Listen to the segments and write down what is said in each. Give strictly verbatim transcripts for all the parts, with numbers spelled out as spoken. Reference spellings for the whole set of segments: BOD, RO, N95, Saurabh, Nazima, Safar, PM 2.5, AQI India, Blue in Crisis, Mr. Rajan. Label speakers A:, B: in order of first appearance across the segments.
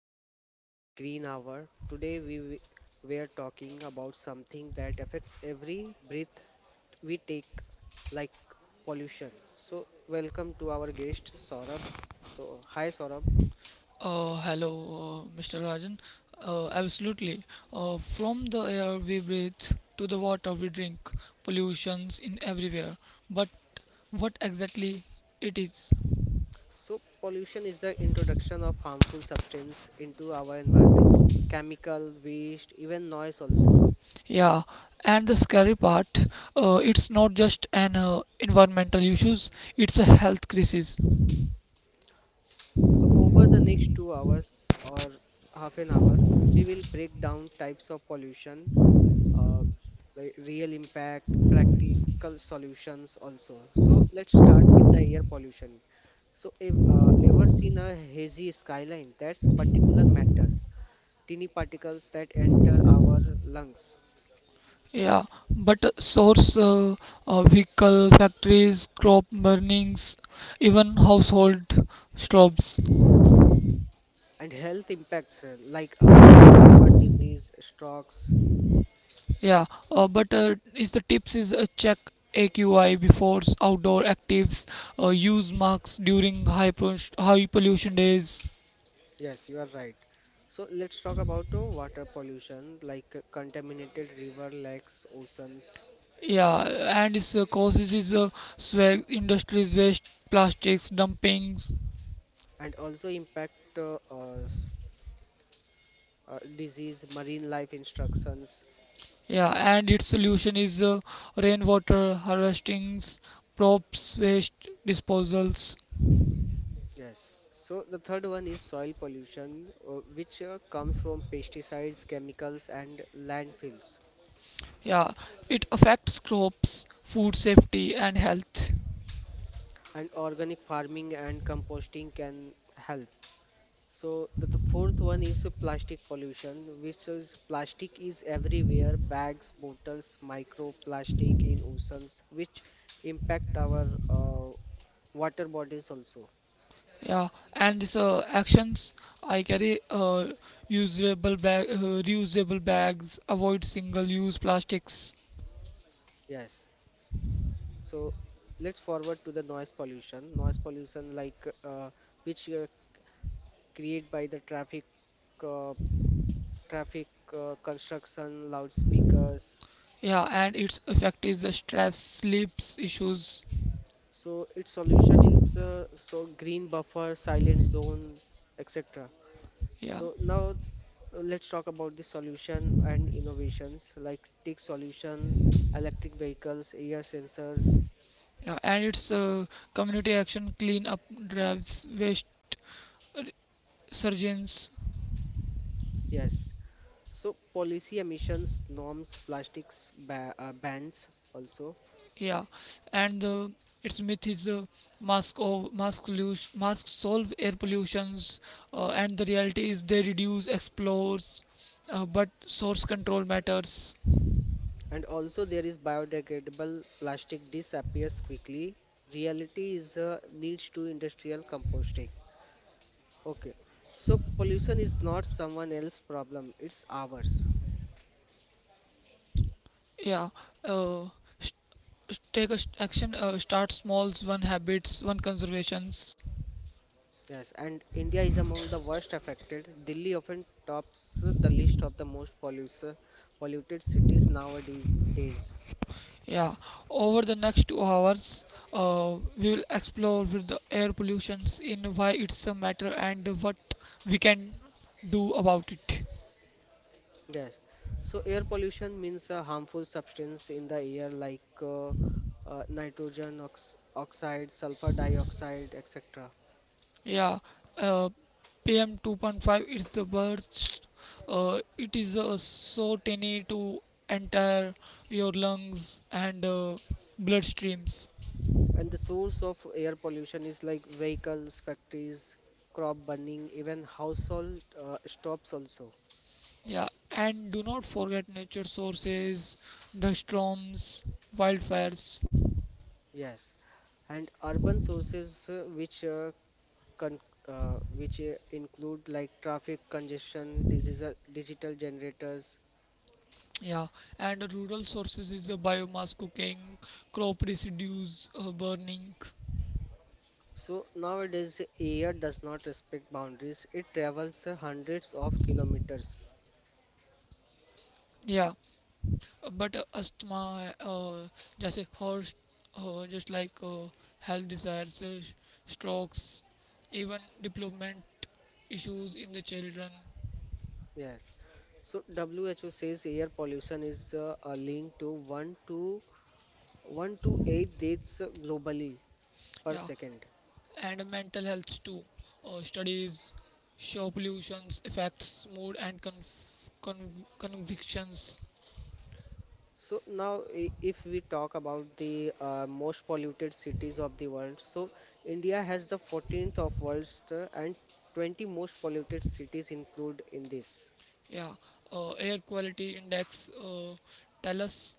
A: Welcome to the Green Hour. Today we wi- we are talking about something that affects every breath we take, like pollution. So welcome to our guest Saurabh. So hi Saurabh.
B: Uh, hello. uh, mister Rajan. Uh, absolutely. Uh, from the air we breathe to the water we drink, pollutions in everywhere. But what exactly it is?
A: So pollution is the introduction of harmful substance into our environment, chemical waste, even noise also.
B: Yeah, and the scary part, uh, it's not just an uh, environmental issues; it's a health crisis.
A: So over the next two hours or half an hour, we will break down types of pollution, uh, like real impact, practical solutions also. So let's start with the air pollution. So if uh, ever seen a hazy skyline, that's particular matter, tiny particles that enter our lungs.
B: Yeah, but uh, source, uh, uh, vehicle factories, crop burnings, even household stoves.
A: And health impacts, uh, like uh, asthma, heart disease, strokes.
B: Yeah, uh, but uh, is the tips is uh, check A Q I before s- outdoor actives, uh, use masks during high pro- high pollution days.
A: Yes, you are right. So let's talk about uh, water pollution, like uh, contaminated river, lakes, oceans,
B: Yeah, and its uh, causes is uh, swag industries waste, plastics dumpings.
A: and also impact uh, uh, s- uh, disease, marine life instructions.
B: Yeah, and its solution is uh, rainwater harvestings, props waste disposals.
A: Yes. So the third one is soil pollution, uh, which uh, comes from pesticides, chemicals, and landfills.
B: Yeah, it affects crops, food safety, and health.
A: And organic farming and composting can help. So the th- fourth one is uh, plastic pollution, which is plastic is everywhere, bags, bottles, microplastic in oceans, which impact our uh, water bodies also.
B: Yeah, and this uh, actions I carry uh, usable bag, uh, reusable bags, avoid single-use plastics.
A: Yes. So let's forward to the noise pollution. Noise pollution, like uh, which uh, created by the traffic, uh, traffic uh, construction, loudspeakers.
B: Yeah, and its effect is uh, stress, sleeps issues.
A: So its solution is, uh, so green buffer, silent zone, et cetera.
B: Yeah,
A: So now, uh, let's talk about the solution and innovations, like tech solution, electric vehicles, air sensors.
B: yeah, and its uh, community action, clean up drives, waste uh, surgeons.
A: Yes. So policy emissions norms, plastics ba uh, bans also.
B: Yeah, and uh, its myth is uh, mask of mask pollution, masks solve air pollutions, uh, and the reality is they reduce explores, uh, but source control matters.
A: And also there is biodegradable plastic disappears quickly. Reality is uh, needs to industrial composting. Okay. So pollution is not someone else's problem, it's ours.
B: Yeah, uh, sh- sh- take a sh- action. Uh, start smalls, one habits, one conservations.
A: Yes, and India is among the worst affected. Delhi often tops the list of the most pollution, polluted cities nowadays. Days.
B: Yeah, over the next two hours, uh, we will explore with the air pollutions in why it's a matter and what we can do about it.
A: Yes. So air pollution means a harmful substance in the air like uh, uh, nitrogen ox oxide, sulfur dioxide, et cetera.
B: Yeah, uh, P M two point five is the worst. Uh, it is uh, so tiny to enter your lungs and uh, bloodstreams.
A: And the source of air pollution is like vehicles, factories, crop burning, even household uh, stops also.
B: Yeah, and do not forget nature sources, dust storms, wildfires.
A: Yes. And urban sources, uh, which uh, con uh, which uh, include like traffic congestion, digital digital generators.
B: Yeah, and rural sources is the biomass cooking, crop residues uh, burning.
A: So nowadays air does not respect boundaries. It travels uh, hundreds of kilometers.
B: Yeah, but uh, asthma, uh, जैसे horse, uh, just like uh, health diseases, uh, strokes, even development issues in the children.
A: Yes. So W H O says air pollution is uh, a link to one to one to eight deaths globally per
B: Yeah,
A: second.
B: and mental health too. Uh, studies show pollution's effects, mood and conf- con- convictions.
A: So now, i- if we talk about the uh, most polluted cities of the world, so India has the fourteenth of world's, uh, and twenty most polluted cities include in this.
B: Yeah, uh, air quality index uh, tell us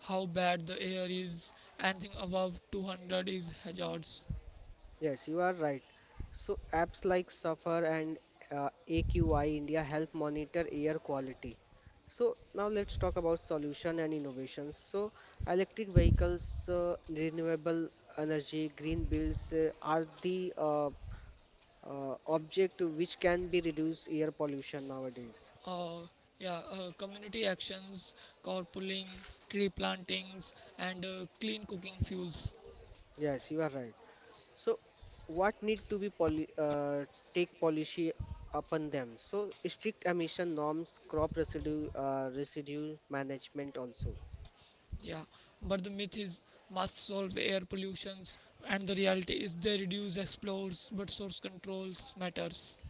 B: how bad the air is. Anything above two hundred is hazards.
A: Yes, you are right. So apps like Safar and uh, A Q I India help monitor air quality. So now let's talk about solution and innovations. So electric vehicles, uh, renewable energy, green bills uh, are the uh, uh, object which can be reduce air pollution nowadays.
B: Uh, yeah, uh, community actions, carpooling, tree plantings, and uh, clean cooking fuels.
A: Yes, you are right. So, what need to be poli- uh, take policy upon them? So, strict emission norms, crop residue, uh, residue management also.
B: Yeah, but the myth is must solve air pollutions, and the reality is they reduce explores, but source controls matters.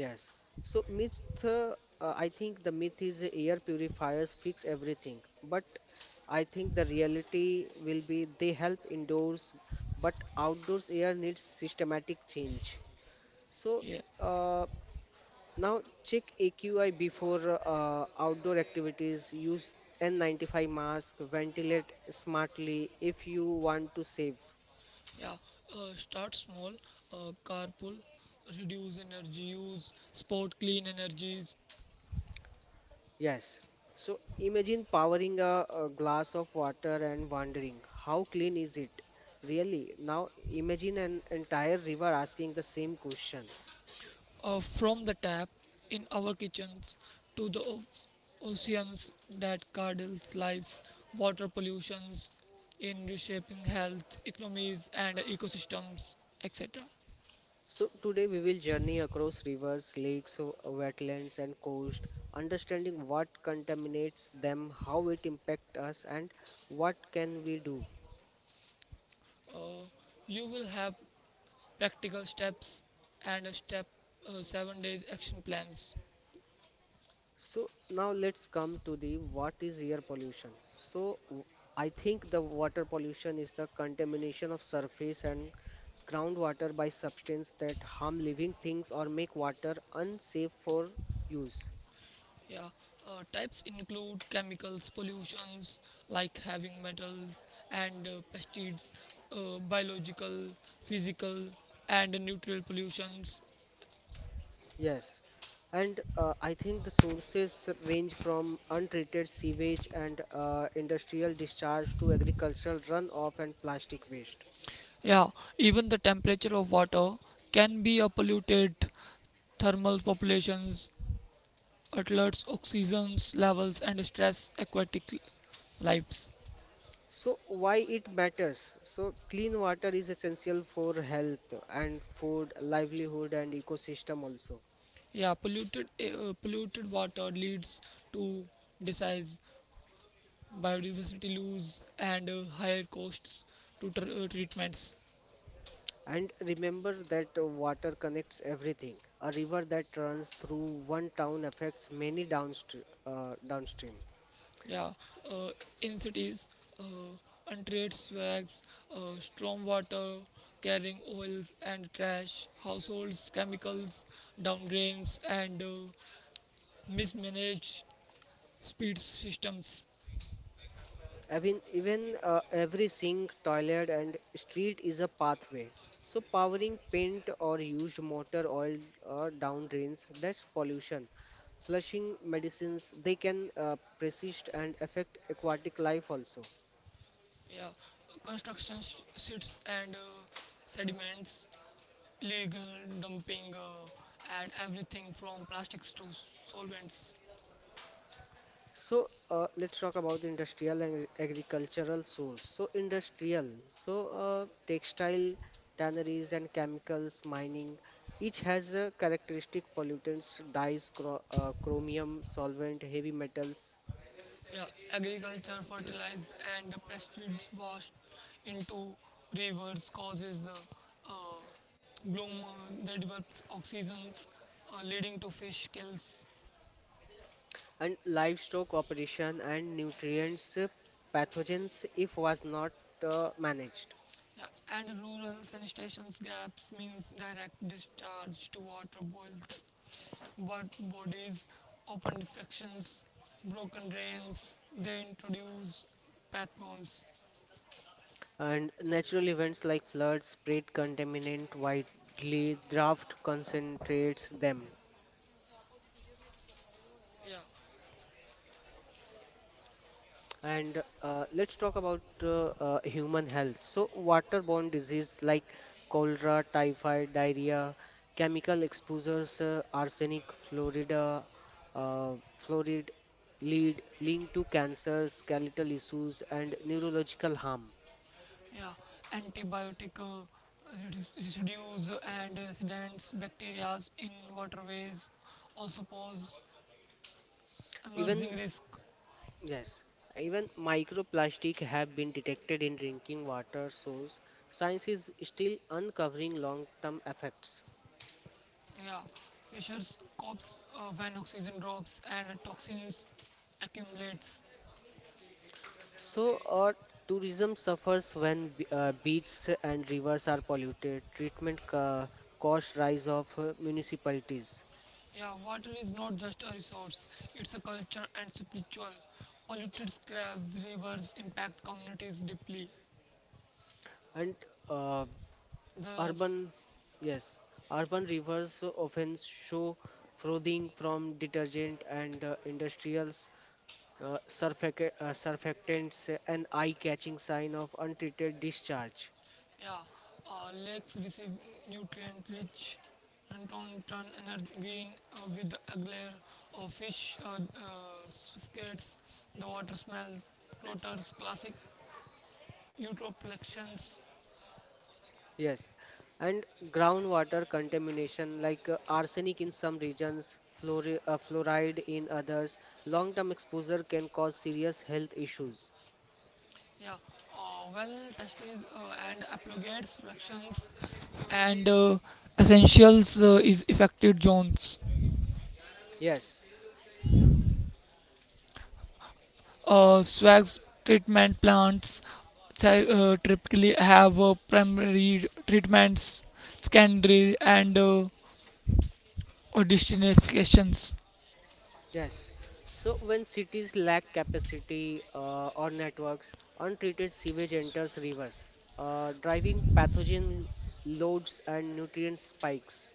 A: Yes. So, myth. Uh, uh, I think the myth is air purifiers fix everything, but I think the reality will be they help indoors, but outdoors air needs systematic change. So.
B: Yeah,
A: Uh, Now check A Q I before uh, outdoor activities. Use N ninety-five mask. Ventilate smartly if you want to save.
B: yeah. Uh, start small, uh, carpool, reduce energy use, support clean energies,
A: Yes. So imagine powering a, a glass of water and wondering how clean is it? Really? Now imagine an entire river asking the same question.
B: uh, from the tap in our kitchens to the o- oceans that curdles lives, water pollutions in reshaping health, economies, and ecosystems, et cetera.
A: So today we will journey across rivers, lakes, uh, wetlands and coast, understanding what contaminates them, how it impacts us and what can we do.
B: Uh, you will have practical steps and a step uh, seven days action plans.
A: So now let's come to the what is air pollution. So w- I think the water pollution is the contamination of surface and groundwater by substance that harm living things or make water unsafe for use.
B: Yeah, uh, types include chemicals, pollutions like having metals and uh, pesticides, uh, biological, physical, and nutritional pollutions.
A: Yes, and uh, I think the sources range from untreated sewage and uh, industrial discharge to agricultural runoff and plastic waste.
B: Yeah, even the temperature of water can be a polluted. Thermal populations, alerts, oxygen levels, and stress aquatic lives.
A: So, why it matters? So, clean water is essential for health and food, livelihood, and ecosystem also.
B: Yeah, polluted uh, polluted water leads to disease, biodiversity loss and uh, higher costs to tr- uh, treatments.
A: And remember that uh, water connects everything. A river that runs through one town affects many downstream. Uh, downstream.
B: Yeah, uh, in cities, uh, untreated swags, uh, storm water, carrying oils and trash, households, chemicals, downdrains, and uh, mismanaged speed systems.
A: I mean, even uh, every sink, toilet, and street is a pathway. So, powering paint or used motor oil or down drains, that's pollution. Flushing medicines, they can uh, persist and affect aquatic life also.
B: Yeah, construction sh- sites and uh, sediments, legal dumping, uh, and everything from plastics to solvents.
A: So, uh, let's talk about the industrial and agricultural source. So industrial, so uh, textile, tanneries and chemicals, mining, each has a characteristic pollutants, dyes, chro- uh, chromium, solvent, heavy metals,
B: Yeah, agriculture, fertilize, and the pesticides washed into rivers causes uh, uh, bloom uh, that develops oxygens, uh, leading to fish kills.
A: and livestock operation and nutrients, uh, pathogens if was not uh, managed.
B: Yeah, and rural sanitation gaps means direct discharge to water boils, but bodies, open defections, broken drains. They introduce pathogens.
A: And natural events like floods spread contaminant widely, draft concentrates them.
B: Yeah,
A: And, uh, let's talk about uh, uh, human health. So, waterborne disease like cholera, typhoid, diarrhea, chemical exposures, uh, arsenic, fluorida, uh, fluoride, lead, linked to cancer, skeletal issues, and neurological harm.
B: yeah, antibiotic uh, redu- residues and residents bacteria in waterways also pose
A: Even,
B: emerging risk.
A: yes, even microplastic have been detected in drinking water source. Science is still uncovering long-term effects.
B: Yeah, fishers cops uh, when oxygen drops and toxins accumulates.
A: So, uh, tourism suffers when b- uh, beaches and rivers are polluted, treatment ca- cost rise of uh, municipalities,
B: Yeah, water is not just a resource; it's a culture and spiritual. Polluted slabs, rivers impact communities deeply.
A: and uh,
B: The
A: urban, yes, urban rivers often show frothing from detergent and uh, industrials, uh, surfacta- uh, surfactants, an eye-catching sign of untreated discharge.
B: yeah, uh, lakes receive nutrient-rich plankton energy gain uh, with a glare of fish uh, uh, suffocates the water smells, rotors, classic eutroplections.
A: Yes, and groundwater contamination like uh, arsenic in some regions, fluori- uh, fluoride in others, long-term exposure can cause serious health issues.
B: Yeah, uh, well testes uh, and apologates flexions and uh, essentials uh, is affected zones.
A: Yes,
B: Uh, swags treatment plants ty- uh, typically have uh, primary treatments, secondary, and uh, destinations.
A: yes. So when cities lack capacity uh, or networks, untreated sewage enters rivers, uh, driving pathogen loads and nutrient spikes.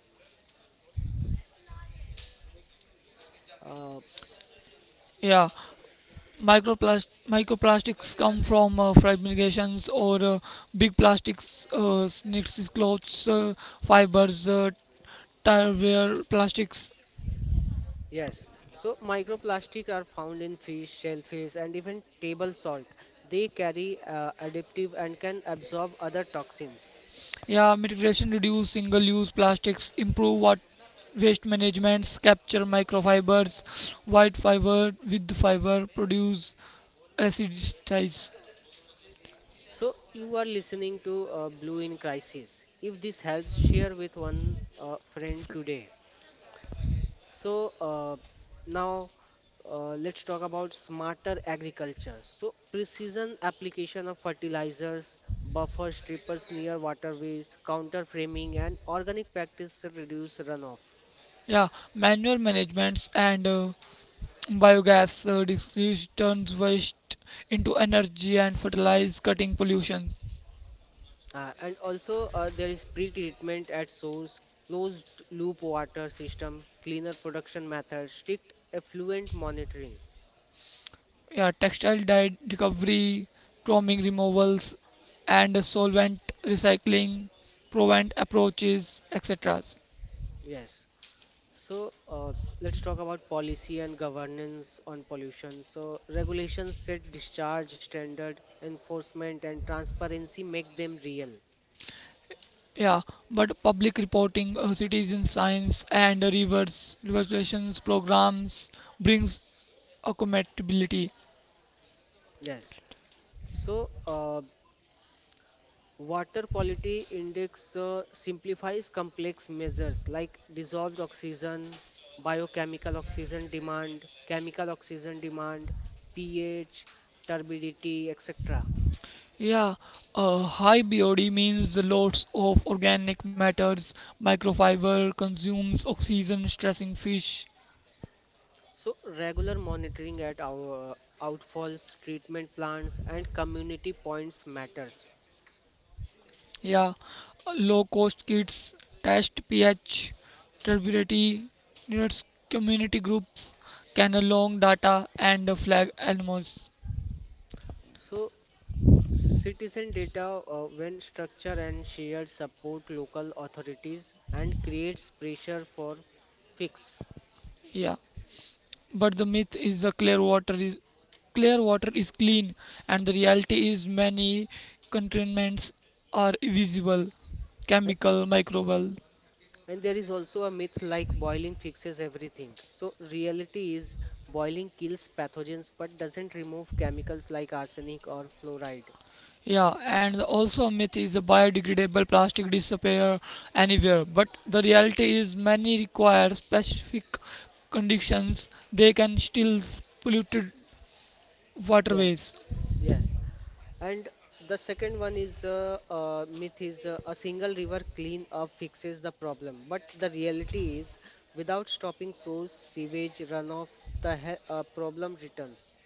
A: Uh,
B: Yeah, microplast- microplastics come from uh, fragmentations or uh, big plastics, uh, snakes, clothes, uh, fibers, uh, tire wear plastics.
A: Yes, so microplastic are found in fish, shellfish, and even table salt. They carry uh, additive and can absorb other toxins.
B: Yeah, mitigation reduce single-use plastics, improve wat- waste management, capture microfibers, white fiber with fiber, produce aciditize.
A: So you are listening to uh, Blue in Crisis. If this helps, share with one uh, friend today. So, uh, now uh, let's talk about smarter agriculture. So precision application of fertilizers, buffer strippers near waterways, counter framing, and organic practice to reduce runoff.
B: Yeah, manual managements and uh, biogas uh, distribution turns waste into energy and fertilize, cutting pollution.
A: Uh, and also, uh, there is pre-treatment at source, closed-loop water system, cleaner production methods, strict effluent monitoring.
B: Yeah, textile dye recovery, chromium removals, and solvent recycling, prevent approaches, et cetera.
A: Yes. So, uh, let's talk about policy and governance on pollution. So, regulations set discharge standard, enforcement, and transparency make them real.
B: Yeah, but public reporting, uh, citizen science, and reverse relations programs brings accountability.
A: Yes. So, uh, water quality index uh, simplifies complex measures like dissolved oxygen, biochemical oxygen demand, chemical oxygen demand, pH, turbidity, et cetera.
B: Yeah, uh, high B O D means lots of organic matters, microfiber consumes oxygen, stressing fish.
A: So regular monitoring at our uh, outfalls, treatment plants, and community points matters.
B: Yeah, low cost kits test pH, turbidity, needs community groups can along data and flag animals.
A: So citizen data uh, when structure and shared support local authorities and creates pressure for fix.
B: Yeah. But the myth is the clear water is clear water is clean, and the reality is many contaminants are visible chemical microbial.
A: And there is also a myth like boiling fixes everything. So, reality is boiling kills pathogens but doesn't remove chemicals like arsenic or fluoride.
B: Yeah, and also a myth is a biodegradable plastic disappear anywhere, but the reality is many require specific conditions; they can still polluted waterways.
A: Yes, yes. And the second one is uh, uh, myth is uh, a single river clean up fixes the problem. But the reality is, without stopping source, sewage, runoff, the he- uh, problem returns.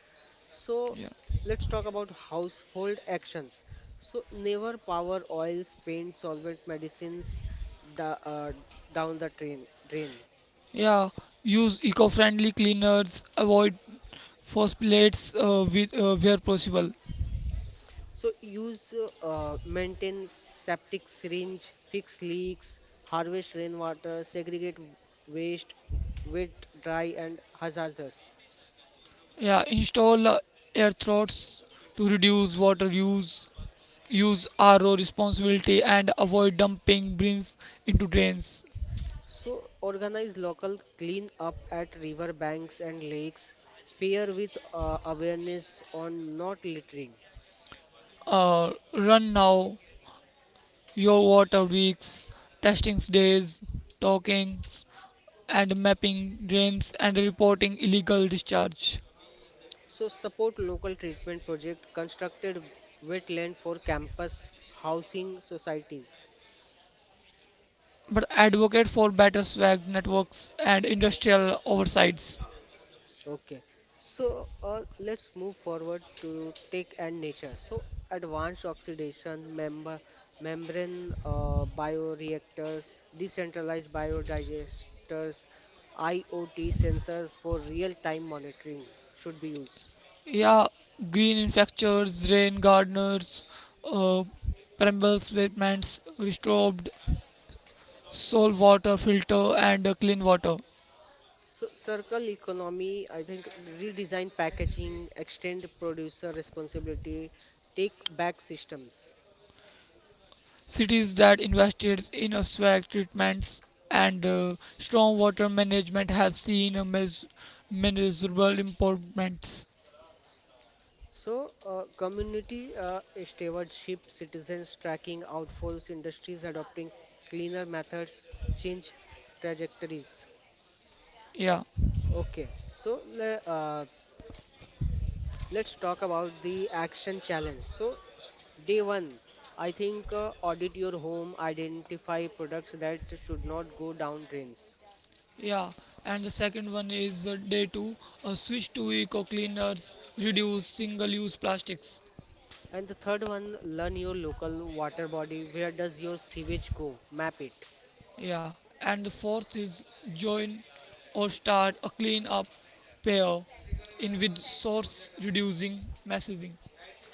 A: So
B: Yeah,
A: let's talk about household actions. So never power oils, paint, solvent, medicines da, uh, down the drain. drain.
B: yeah. Use eco-friendly cleaners, avoid phosphates uh, with, uh, where possible.
A: So use uh, uh, maintain septic syringe, fix leaks, harvest rainwater, segregate waste, wet, dry, and hazardous.
B: Yeah, install uh, air throats to reduce water use. Use R O responsibility and avoid dumping brins into drains.
A: So organize local clean up at river banks and lakes. Pair with uh, awareness on not littering.
B: Uh, run now your water weeks, testing days, talkings, and mapping drains and reporting illegal discharge.
A: So support local treatment project constructed wetland for campus housing societies.
B: But advocate for better swag networks and industrial oversights.
A: Okay. So, uh, let's move forward to tech and nature. So advanced oxidation member membrane uh, bioreactors, decentralized biodigesters, IoT sensors for real-time monitoring should be used.
B: Yeah, green infrastructures, rain gardens, uh, permeable pavements, restored soil water filter, and uh, clean water.
A: So circle economy, I think redesign packaging, extend producer responsibility, take back systems.
B: Cities that invested in uh, swag treatments and uh, strong water management have seen a mes- measurable improvements.
A: So uh, community uh, stewardship, citizens tracking outfalls, industries adopting cleaner methods, change trajectories.
B: Yeah,
A: Okay, so le- uh, let's talk about the action challenge. So day one, I think uh, audit your home, identify products that should not go down drains.
B: yeah. And the second one is uh, day two, uh, switch to eco cleaners, reduce single-use plastics.
A: And the third one, learn your local water body. Where does your sewage go? Map it.
B: Yeah, and the fourth is join or start a clean up pair in with source reducing messaging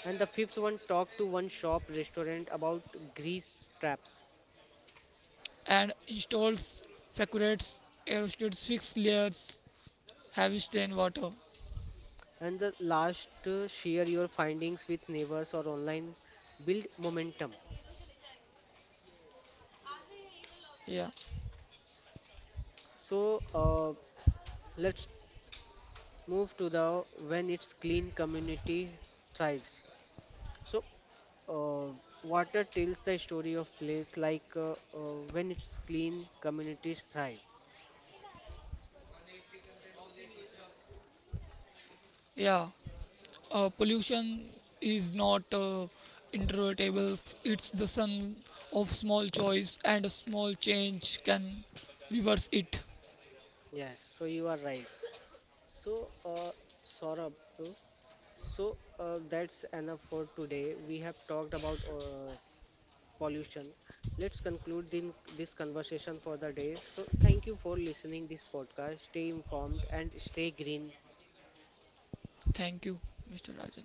A: And the fifth one, talk to one shop restaurant about grease traps.
B: and installs facurates aerostates fixed layers heavy strain water.
A: And the last, uh, share your findings with neighbors or online. Build momentum.
B: Yeah,
A: So, uh, let's move to the when it's clean community thrives. So, uh, water tells the story of place like uh, uh, when it's clean communities thrive.
B: yeah. Uh, pollution is not uh, inevitable. It's the sun of small choice and a small change can reverse it.
A: Yes, so you are right. So, uh, Saurabh, uh, so uh, that's enough for today. We have talked about uh, pollution. Let's conclude din- this conversation for the day. So, thank you for listening this podcast. Stay informed and stay green.
B: Thank you, mister Rajan.